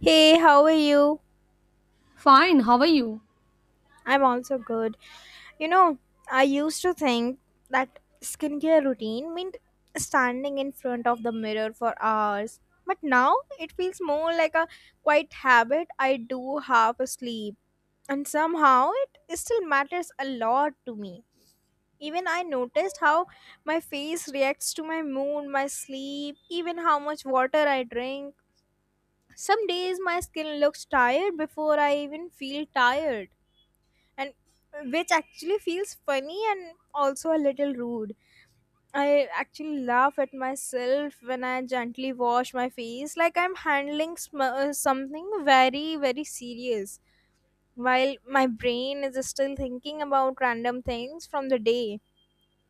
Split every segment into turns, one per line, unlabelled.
Hey, how are you?
Fine, how are you?
I'm also good. You know, I used to think that skincare routine meant standing in front of the mirror for hours. But now it feels more like a quiet habit I do half asleep. And somehow it still matters a lot to me. Even I noticed how my face reacts to my mood, my sleep, even how much water I drink. Some days my skin looks tired before I even feel tired and which actually feels funny and also a little rude. I actually laugh at myself when I gently wash my face like I'm handling something very, very serious, while my brain is still thinking about random things from the day.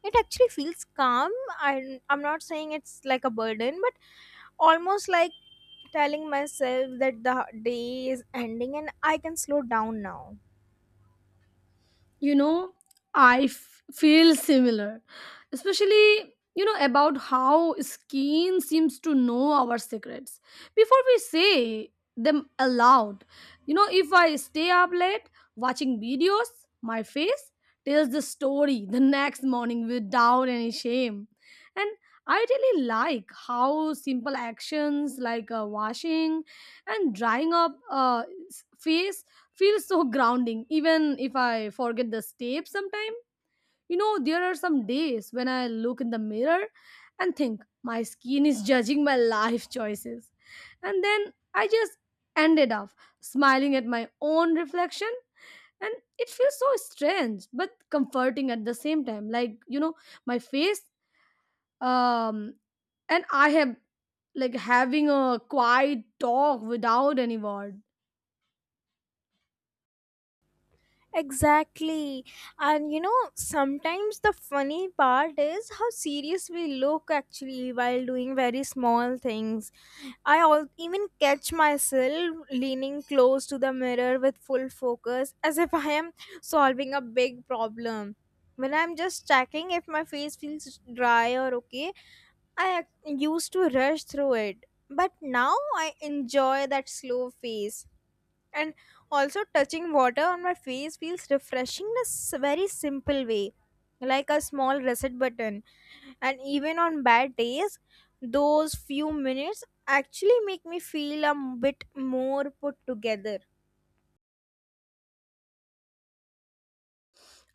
It actually feels calm. I'm not saying it's like a burden, but almost like telling myself that the day is ending and I can slow down now.
You know, I feel similar, especially, about how skin seems to know our secrets before we say them aloud. If I stay up late watching videos, my face tells the story the next morning without any shame. And I really like how simple actions like washing and drying up face feels so grounding even if I forget the steps sometime. There are some days when I look in the mirror and think my skin is judging my life choices, and then I just ended up smiling at my own reflection, and it feels so strange but comforting at the same time, like my face um and I have, like, having a quiet talk without any word.
Exactly. And you know, sometimes the funny part is how serious we look actually while doing very small things. I all even catch myself leaning close to the mirror with full focus as if I am solving a big problem. When I'm just checking if my face feels dry or okay, used to rush through it. But now I enjoy that slow phase, and also touching water on my face feels refreshing in a very simple way, like a small reset button. And even on bad days, those few minutes actually make me feel a bit more put together.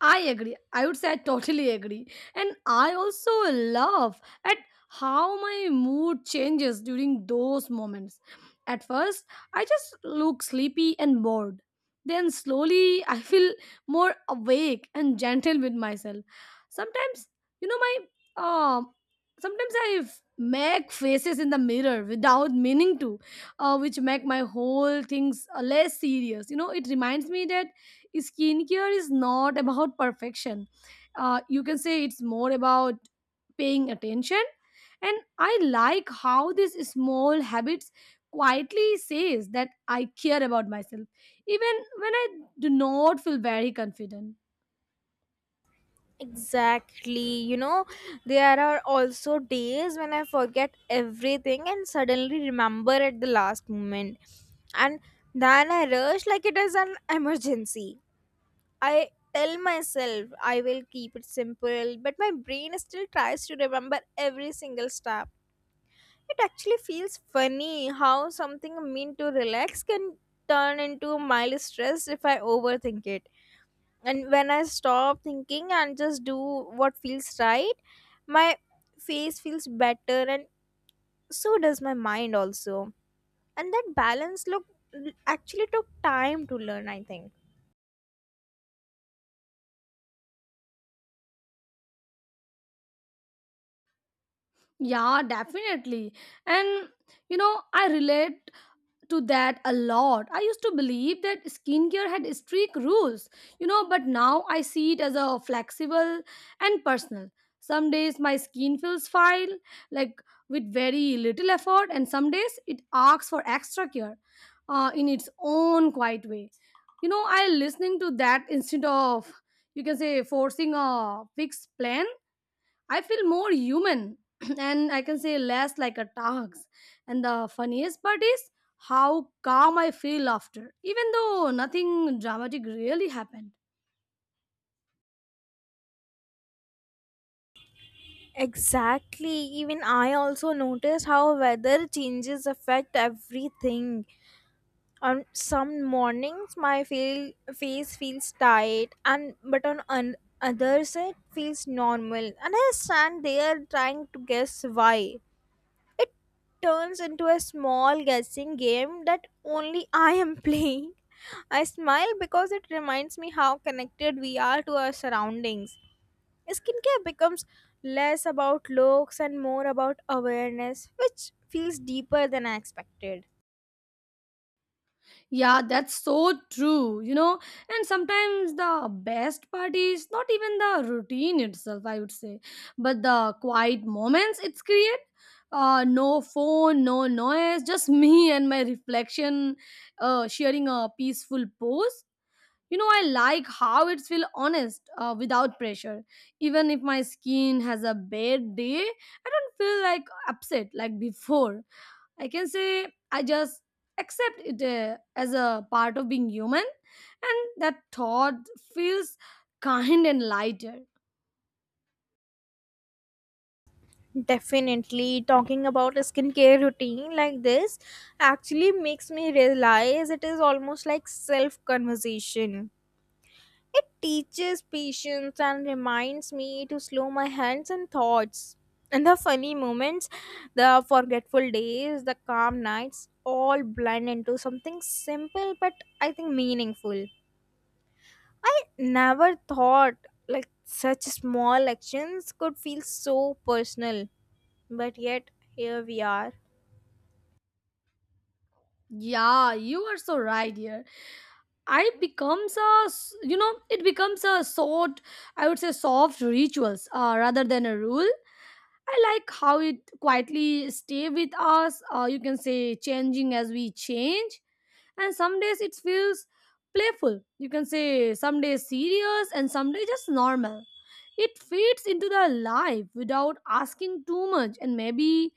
I agree. I would say I totally agree. And I also love at how my mood changes during those moments. At first, I just look sleepy and bored. Then slowly, I feel more awake and gentle with myself. Sometimes, you know, my um, sometimes I make faces in the mirror without meaning to, which make my whole things less serious. It reminds me that skincare is not about perfection. You can say it's more about paying attention. And I like how this small habits quietly says that I care about myself, even when I do not feel very confident.
Exactly. You know, there are also days when I forget everything and suddenly remember at the last moment, and then I rush like it is an emergency. I tell myself I will keep it simple, but my brain still tries to remember every single step. It actually feels funny how something meant to relax can turn into mild stress if I overthink it. And when I stop thinking and just do what feels right, my face feels better, and so does my mind also. And that balance look actually took time to learn, I think.
Yeah, definitely. And I relate to that a lot. I used to believe that skincare had strict rules, but now I see it as a flexible and personal. Some days my skin feels fine, like with very little effort, and some days it asks for extra care, in its own quiet way. I listening to that instead of you can say forcing a fixed plan. I feel more human and I can say less like a task. And the funniest part is how calm I feel after, even though nothing dramatic really happened.
Exactly. Even I also notice how weather changes affect everything. On some mornings, my face feels tight, and but on others, it feels normal. And I stand there trying to guess why. It turns into a small guessing game that only I am playing. I smile because it reminds me how connected we are to our surroundings. Skincare becomes less about looks and more about awareness, which feels deeper than I expected.
Yeah, that's so true. And sometimes the best part is not even the routine itself, I would say, but the quiet moments it's create. No phone, no noise, just me and my reflection, sharing a peaceful pose. I like how it's feel honest, without pressure, even if my skin has a bad day I don't feel like upset like before. I can say I just accept it, as a part of being human, and that thought feels kind and lighter.
Definitely, talking about a skincare routine like this actually makes me realize it is almost like self conversation. It teaches patience and reminds me to slow my hands and thoughts. And the funny moments, the forgetful days, the calm nights all blend into something simple but, I think, meaningful. I never thought like such small actions could feel so personal, but yet here we are.
Yeah, you are so right here. I becomes a s- you know it becomes a sort, I would say, soft rituals, rather than a rule. I like how it quietly stay with us. You can say changing as we change, and some days it feels playful. You can say some days serious and some days just normal. It fits into the life without asking too much, and maybe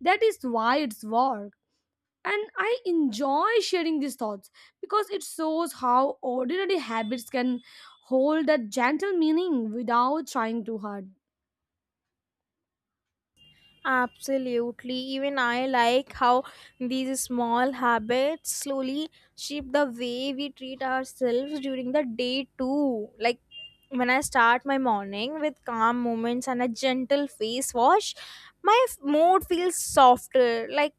that is why it's work. And I enjoy sharing these thoughts because it shows how ordinary habits can hold that gentle meaning without trying too hard.
Absolutely. Even I like how these small habits slowly shape the way we treat ourselves during the day, too. Like when I start my morning with calm moments and a gentle face wash, my mood feels softer. Like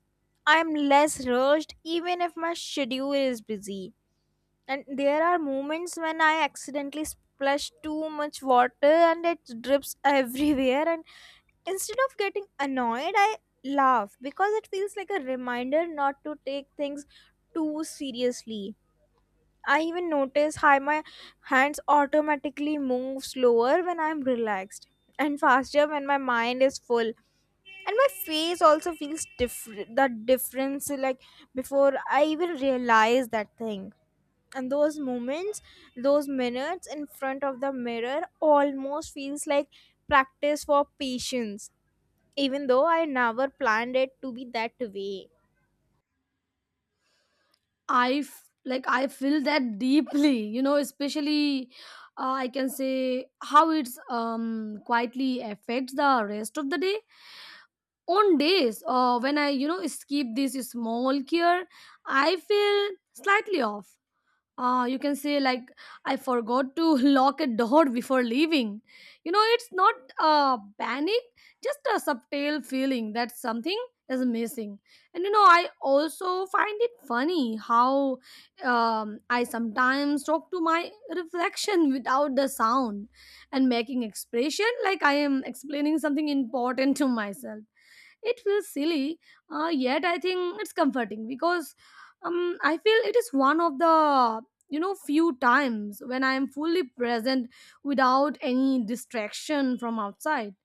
I'm less rushed, even if my schedule is busy. And there are moments when I accidentally splash too much water and it drips everywhere, and instead of getting annoyed I laugh because it feels like a reminder not to take things too seriously. I even notice how my hands automatically move slower when I'm relaxed and faster when my mind is full, and my face also feels different that difference like before I even realize that thing. And those moments, those minutes in front of the mirror almost feels like practice for patience, even though I never planned it to be that way.
I like I feel that deeply, especially, I can say how it's quietly affects the rest of the day. On days, when I skip this small cure, I feel slightly off, you can say like I forgot to lock a door before leaving. It's not, panic, just a subtle feeling that something is missing. And I also find it funny how, I sometimes talk to my reflection without the sound and making expression like I am explaining something important to myself. It feels silly, yet I think it's comforting because, I feel it is one of the few times when I am fully present without any distraction from outside.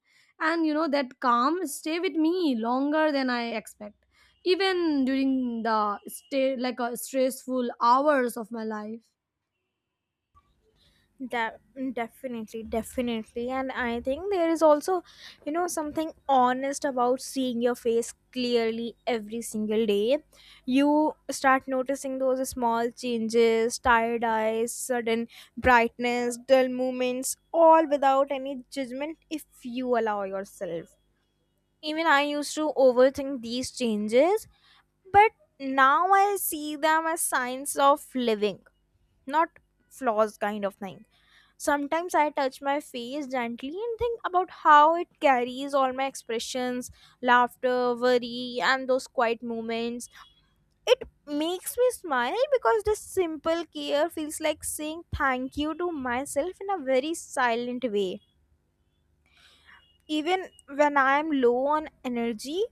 And that calm stay with me longer than I expect, even during the stay like, stressful hours of my life.
De- definitely, and I think there is also, you know, something honest about seeing your face clearly every single day. You start noticing those small changes, tired eyes, sudden brightness, dull moments, all without any judgment if you allow yourself. Even I used to overthink these changes, but now I see them as signs of living, not flaws kind of thing. Sometimes I touch my face gently and think about how it carries all my expressions, laughter, worry, and those quiet moments. It makes me smile because this simple care feels like saying thank you to myself in a very silent way. Even when I am low on energy,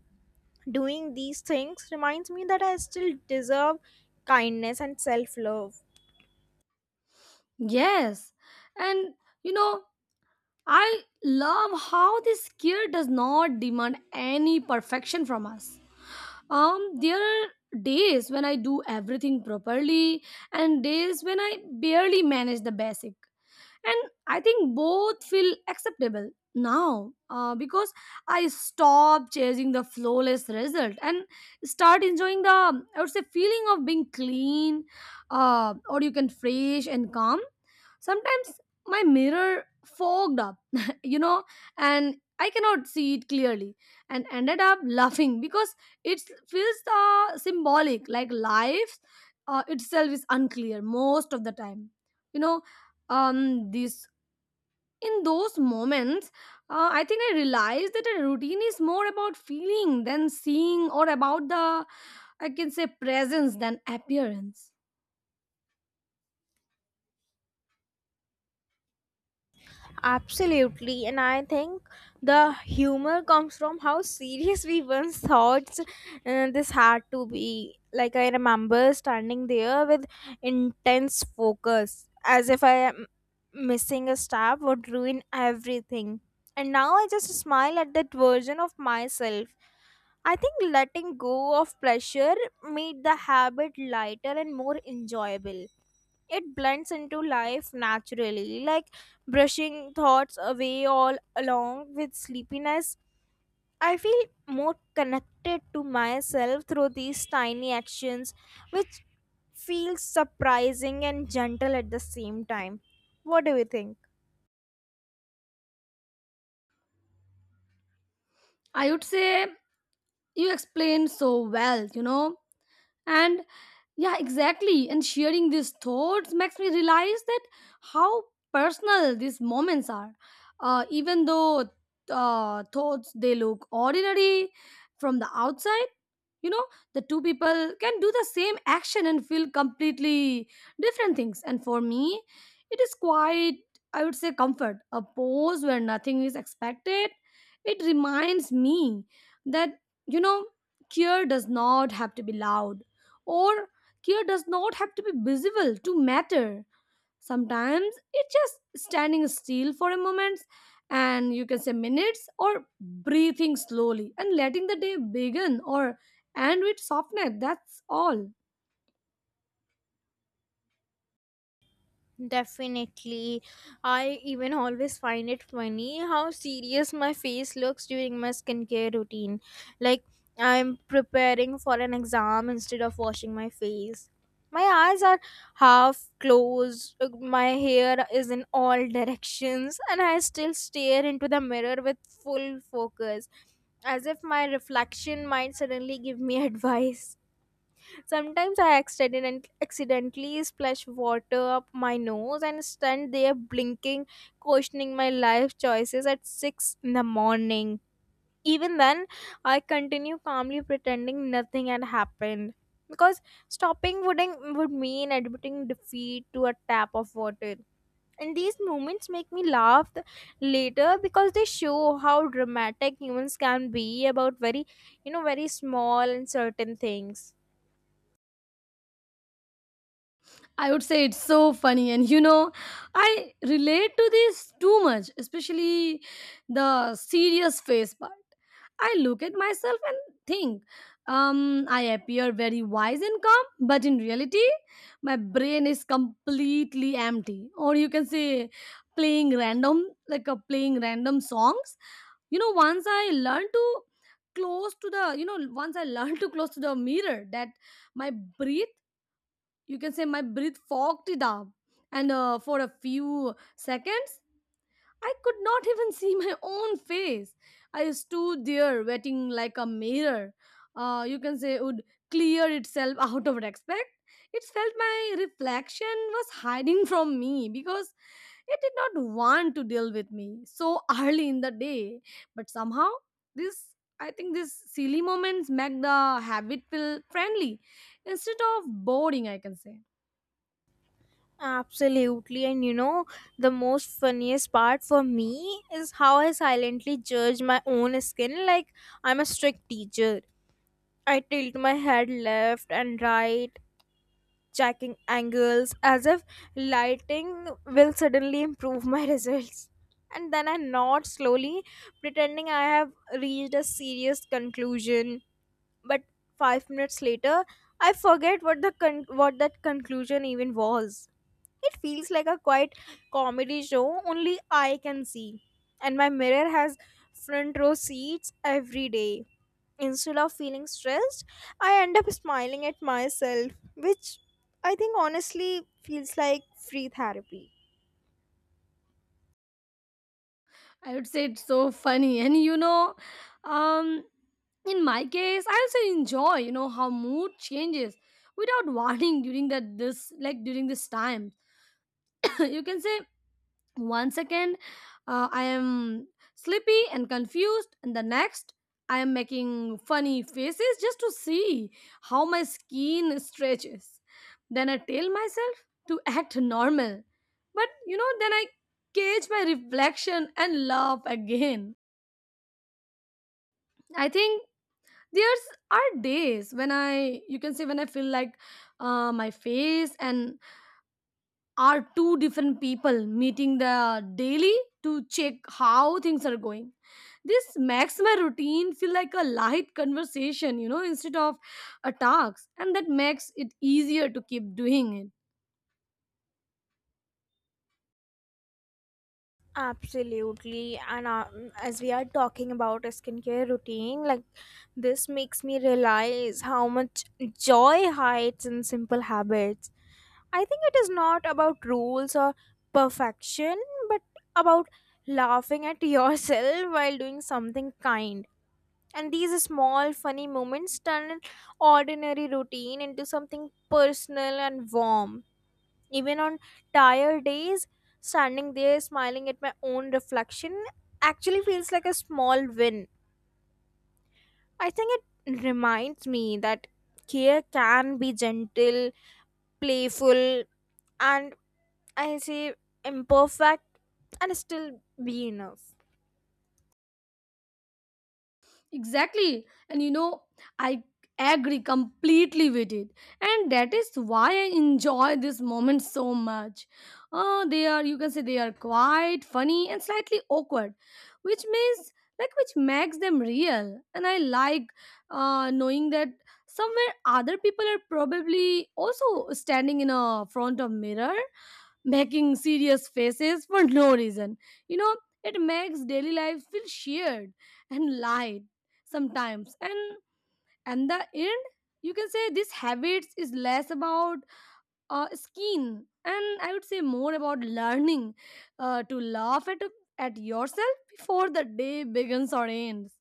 doing these things reminds me that I still deserve kindness and self love.
Yes, and you know I love how this skill does not demand any perfection from us. There are days when I do everything properly and days when I barely manage the basic. And I think both feel acceptable now, because I stop chasing the flawless result and start enjoying the, I would say, feeling of being clean, or you can fresh and calm. Sometimes my mirror fogged up, you know, and I cannot see it clearly and ended up laughing because it feels, symbolic, like life, itself is unclear most of the time. You know, this in those moments, I think I realized that a routine is more about feeling than seeing or about the I can say presence than appearance.
Absolutely, and I think the humor comes from how serious we once thought this had to be. Like, I remember standing there with intense focus, as if I am missing a step would ruin everything. And now I just smile at that version of myself. I think letting go of pleasure made the habit lighter and more enjoyable. It blends into life naturally, like brushing thoughts away all along with sleepiness. I feel more connected to myself through these tiny actions, which feels surprising and gentle at the same time. What do you think?
I would say you explained so well. And yeah, exactly. And sharing these thoughts makes me realize that how personal these moments are. Even though, thoughts they look ordinary from the outside, you know, the two people can do the same action and feel completely different things. And for me, it is quite, I would say, comfort. A pause where nothing is expected. It reminds me that, you know, care does not have to be loud or care does not have to be visible to matter. Sometimes it's just standing still for a moment and you can say minutes or breathing slowly and letting the day begin or end with softness. That's all.
Definitely. I even always find it funny how serious my face looks during my skincare routine. Like, I'm preparing for an exam instead of washing my face. My eyes are half closed, my hair is in all directions, and I still stare into the mirror with full focus, as if my reflection might suddenly give me advice. Sometimes I accidentally splash water up my nose and stand there blinking, questioning my life choices at 6 in the morning. Even then, I continue calmly pretending nothing had happened. Because stopping wouldn't, would mean admitting defeat to a tap of water. And these moments make me laugh later because they show how dramatic humans can be about very, you know, very small and certain things.
I would say it's so funny. And I relate to this too much, especially the serious face part. I look at myself and think, I appear very wise and calm, but in reality, my brain is completely empty. Or you can say, playing random, like, playing random songs. You know, once I learned to close to Once I learned to close to the mirror, that my breath you can say my breath fogged it up, and for a few seconds I could not even see my own face. I stood there waiting like a mirror, you can say, would clear itself out of respect. It felt my reflection was hiding from me because it did not want to deal with me so early in the day. But somehow, this I think these silly moments make the habit feel friendly instead of boring, I can say.
Absolutely, and you know, the most funniest part for me is how I silently judge my own skin like I'm a strict teacher. I tilt my head left and right, checking angles as if lighting will suddenly improve my results. And then I nod slowly, pretending I have reached a serious conclusion. But 5 minutes later, I forget what what that conclusion even was. It feels like a quiet comedy show only I can see. And my mirror has front row seats every day. Instead of feeling stressed, I end up smiling at myself, which I think honestly feels like free therapy.
I would say it's so funny. And um, in my case, I also enjoy, how mood changes without warning during this time. You can say one second, I am sleepy and confused, and the next I am making funny faces just to see how my skin stretches. Then I tell myself to act normal, but then I cage my reflection and laugh again. I think there's are days when I you can say when I feel like, my face and are two different people meeting the daily to check how things are going. This makes my routine feel like a light conversation, instead of a task, and that makes it easier to keep doing it.
Absolutely, and as we are talking about a skincare routine, like this makes me realize how much joy hides in simple habits. I think it is not about rules or perfection, but about laughing at yourself while doing something kind. And these small, funny moments turn an ordinary routine into something personal and warm. Even on tired days, standing there smiling at my own reflection actually feels like a small win. I think it reminds me that care can be gentle, playful, and I say imperfect, and still be enough.
Exactly. And I agree completely with it. And that is why I enjoy this moment so much. They are, you can say, they are quiet, funny, and slightly awkward, which means, which makes them real. And I like, knowing that somewhere other people are probably also standing in a front of mirror making serious faces for no reason. You know, it makes daily life feel shared and light sometimes. And the end, you can say this habits is less about, skin and I would say more about learning, to laugh at yourself before the day begins or ends.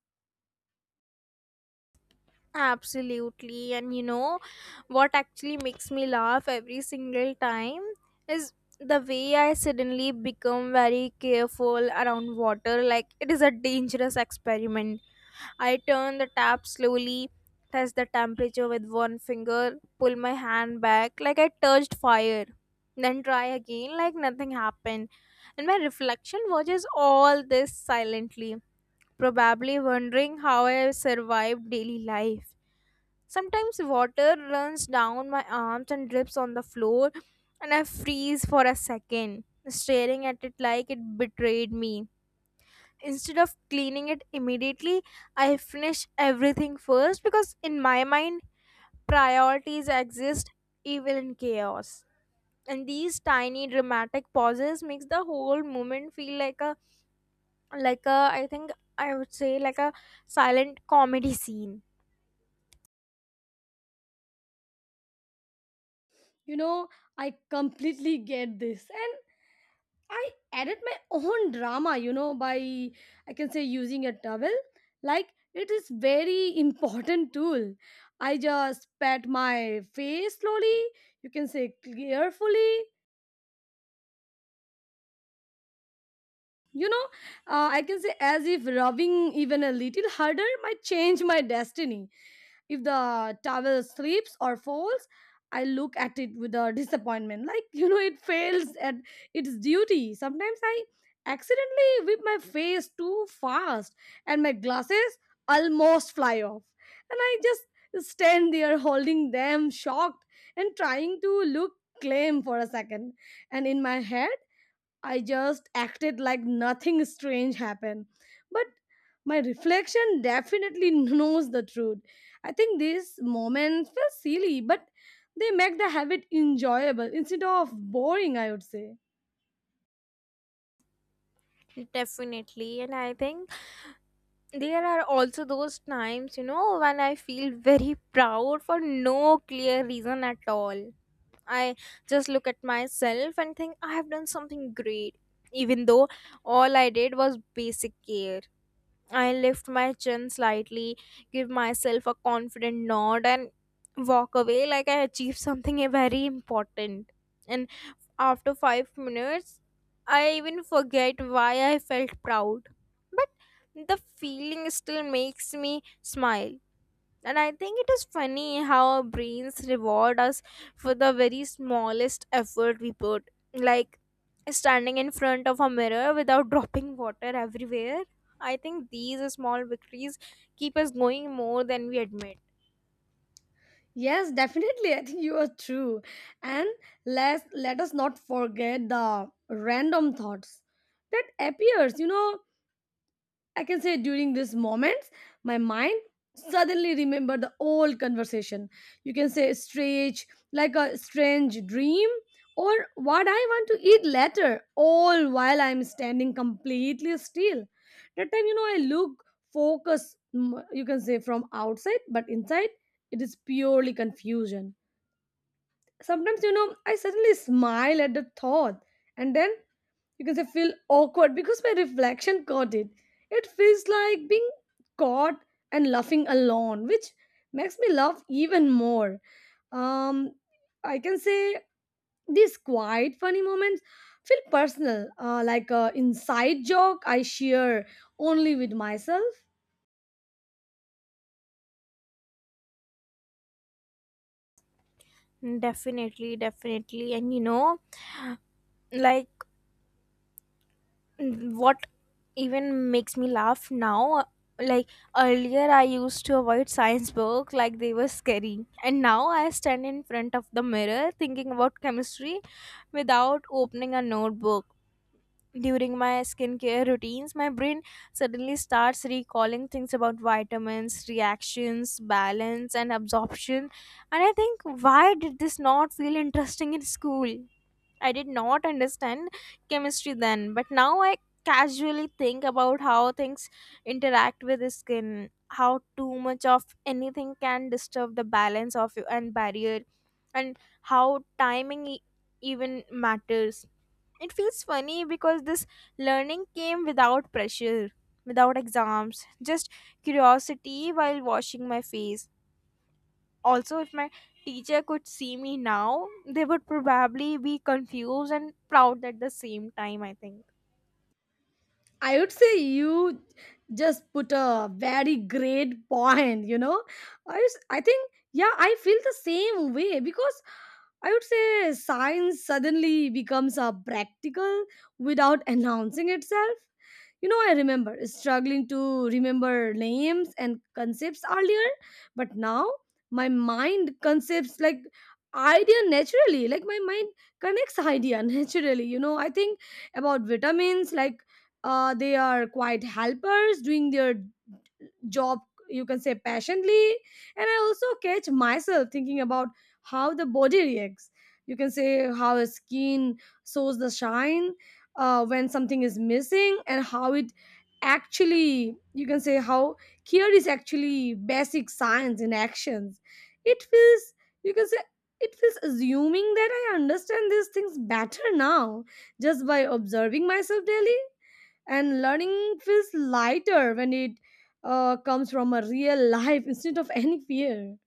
Absolutely. And you know what actually makes me laugh every single time is the way I suddenly become very careful around water, like it is a dangerous experiment. I turn the tap slowly, test the temperature with one finger, pull my hand back like I touched fire, then try again like nothing happened. And my reflection watches all this silently, probably wondering how I survived daily life. Sometimes water runs down my arms and drips on the floor, and I freeze for a second, staring at it like it betrayed me. Instead of cleaning it immediately, I finish everything first because in my mind priorities exist even in chaos. And these tiny dramatic pauses makes the whole moment feel like a, like a, I think, I would say, like a silent comedy scene.
You know, I completely get this. And. I added my own drama, by I can say using a towel. Like it is very important tool. I just pat my face slowly. You can say carefully, you know I can say as if rubbing even a little harder might change my destiny. If the towel slips or falls, I look at it with a disappointment, like, it fails at its duty. Sometimes I accidentally whip my face too fast, and my glasses almost fly off, and I just stand there holding them shocked and trying to look calm for a second. And in my head, I just acted like nothing strange happened. But my reflection definitely knows the truth. I think these moments feel silly, but they make the habit enjoyable instead of boring, I would say.
Definitely, and I think there are also those times, you know, when I feel very proud for no clear reason at all. I just look at myself and think I have done something great, even though all I did was basic care. I lift my chin slightly, give myself a confident nod, and walk away like I achieved something very important. And after 5 minutes, I even forget why I felt proud. But the feeling still makes me smile, and I think it is funny how our brains reward us for the very smallest effort we put, like standing in front of a mirror without dropping water everywhere. I think these small victories keep us going more than we admit.
Yes, definitely. I think you are true. And let us not forget the random thoughts that appears, I can say during these moments, my mind suddenly remember the old conversation. You can say strange, like a strange dream, or what I want to eat later, all while I'm standing completely still. That time, you know, I look focus. You can say from outside, but inside it is purely confusion. Sometimes, you know, I suddenly smile at the thought, and then because I feel awkward because my reflection caught it. It feels like being caught and laughing alone, which makes me laugh even more. Um, I can say these quiet, funny moments feel personal, like a inside joke I share only with myself.
Definitely. And you know, like, what even makes me laugh now, like, earlier I used to avoid science book like they were scary, and now I stand in front of the mirror thinking about chemistry without opening a notebook. During my skincare routines my brain suddenly starts recalling things about vitamins, reactions, balance and absorption, and I think why did this not feel interesting in school. I did not understand chemistry then, but now I casually think about how things interact with the skin, how too much of anything can disturb the balance of you and barrier, and how timing even matters. It feels funny because this learning came without pressure, without exams, just curiosity while washing my face. Also, if my teacher could see me now, they would probably be confused and proud at the same time, I think.
I would say you just put a very great point, you know. I, I think, yeah, I feel the same way because I would say science suddenly becomes a practical without announcing itself. You know, I remember struggling to remember names and concepts earlier, but now my mind concepts like idea naturally. Like my mind connects idea naturally. You know, I think about vitamins like they are quite helpers doing their job you can say passionately, and I also catch myself thinking about how the body reacts. You can say how a skin shows the shine when something is missing, and how it actually, you can say, how here is actually basic science in actions. It feels, you can say, it feels assuming that I understand these things better now, just by observing myself daily, and learning feels lighter when it comes from a real life instead of any fear.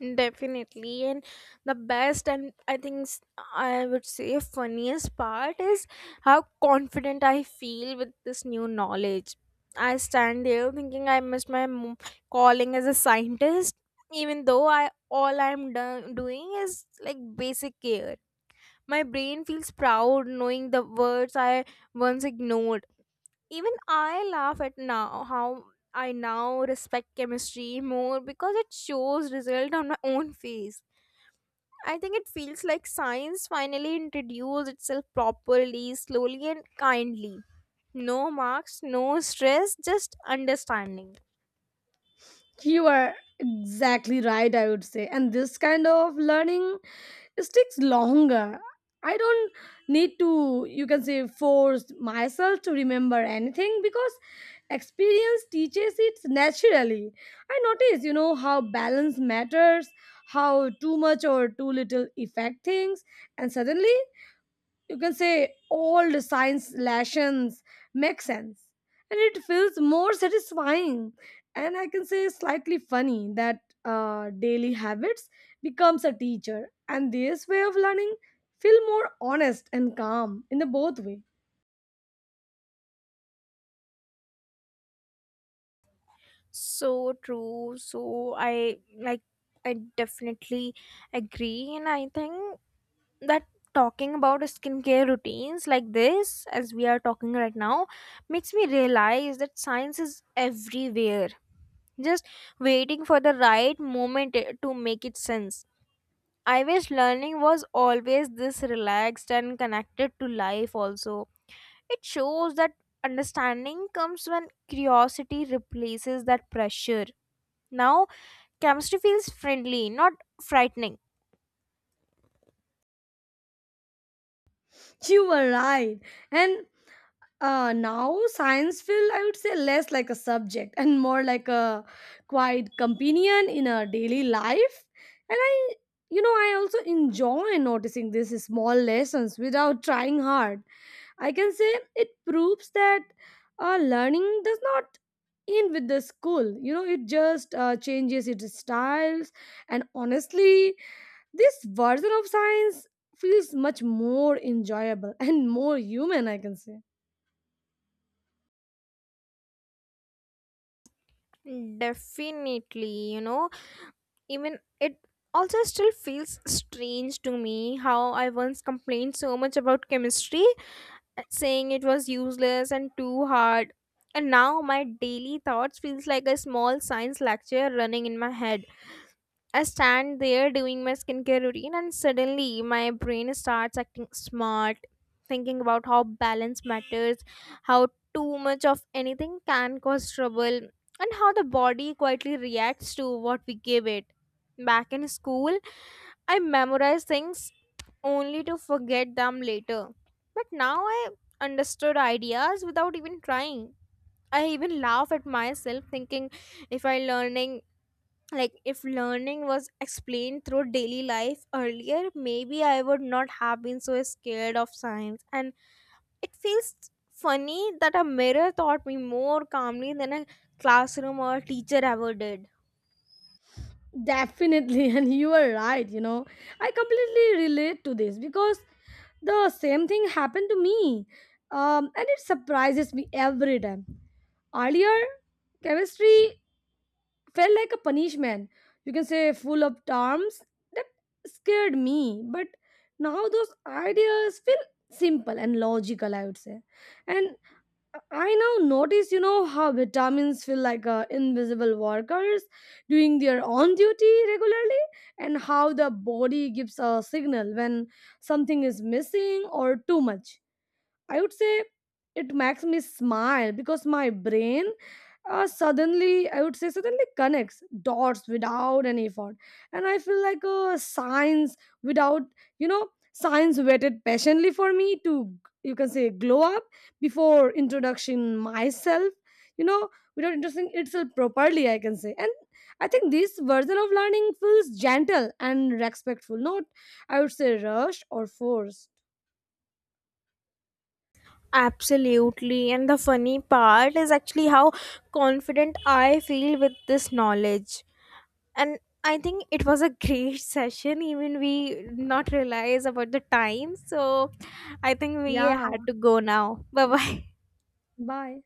Definitely, and the best, and I think, I would say, funniest part is how confident I feel with this new knowledge. I stand there thinking I missed my calling as a scientist, even though I all I'm do- doing is like basic care. My brain feels proud knowing the words I once ignored. Even I laugh at now how I now respect chemistry more because it shows result on my own face. I think it feels like science finally introduced itself properly, slowly and kindly. No marks, no stress, just understanding.
You are exactly right, I would say, and this kind of learning, it takes longer. I don't need to, you can say, force myself to remember anything because experience teaches it naturally. I notice, you know, how balance matters, how too much or too little affect things, and suddenly, you can say, old science lessons make sense. And it feels more satisfying, and I can say slightly funny that daily habits becomes a teacher, and this way of learning feel more honest and calm in the both way.
So true. So I like, I definitely agree, and I think that talking about skincare routines like this, as we are talking right now, makes me realize that science is everywhere, just waiting for the right moment to make it sense. I wish learning was always this relaxed and connected to life also. It shows that understanding comes when curiosity replaces that pressure. Now chemistry feels friendly, not frightening.
You were right, and now science feel, I would say, less like a subject and more like a quiet companion in our daily life. And I, you know, I also enjoy noticing these small lessons without trying hard. I can say it proves that learning does not in with the school. You know, it just changes its styles. And honestly, this version of science feels much more enjoyable and more human, I can say.
Definitely, you know. Even it also still feels strange to me how I once complained so much about chemistry, saying it was useless and too hard. And now my daily thoughts feels like a small science lecture running in my head. I stand there doing my skincare routine, and suddenly my brain starts acting smart, thinking about how balance matters, how too much of anything can cause trouble, and how the body quietly reacts to what we give it. Back in school, I memorized things only to forget them later. But now I understood ideas without even trying. I even laugh at myself thinking if I learning if learning was explained through daily life earlier, maybe I would not have been so scared of science. And it feels funny that a mirror taught me more calmly than a classroom or teacher ever did.
Definitely, and you are right. You know, I completely relate to this because the same thing happened to me, and it surprises me every time. Earlier, chemistry felt like a punishment. You can say full of terms that scared me, but now those ideas feel simple and logical, I would say. And I now notice, you know, how vitamins feel like invisible workers doing their own duty regularly, and how the body gives a signal when something is missing or too much. I would say it makes me smile because my brain suddenly, I would say, suddenly connects dots without any effort. And I feel like a science without, you know, science waited patiently for me to, you can say, glow up before introduction myself, you know, without introducing itself properly, I can say. And I think this version of learning feels gentle and respectful, not, I would say, rushed or forced.
Absolutely, and the funny part is actually how confident I feel with this knowledge. And I think it was a great session. Even we not realize about the time, so I think we
Yeah,
had to go now. Bye bye.
bye.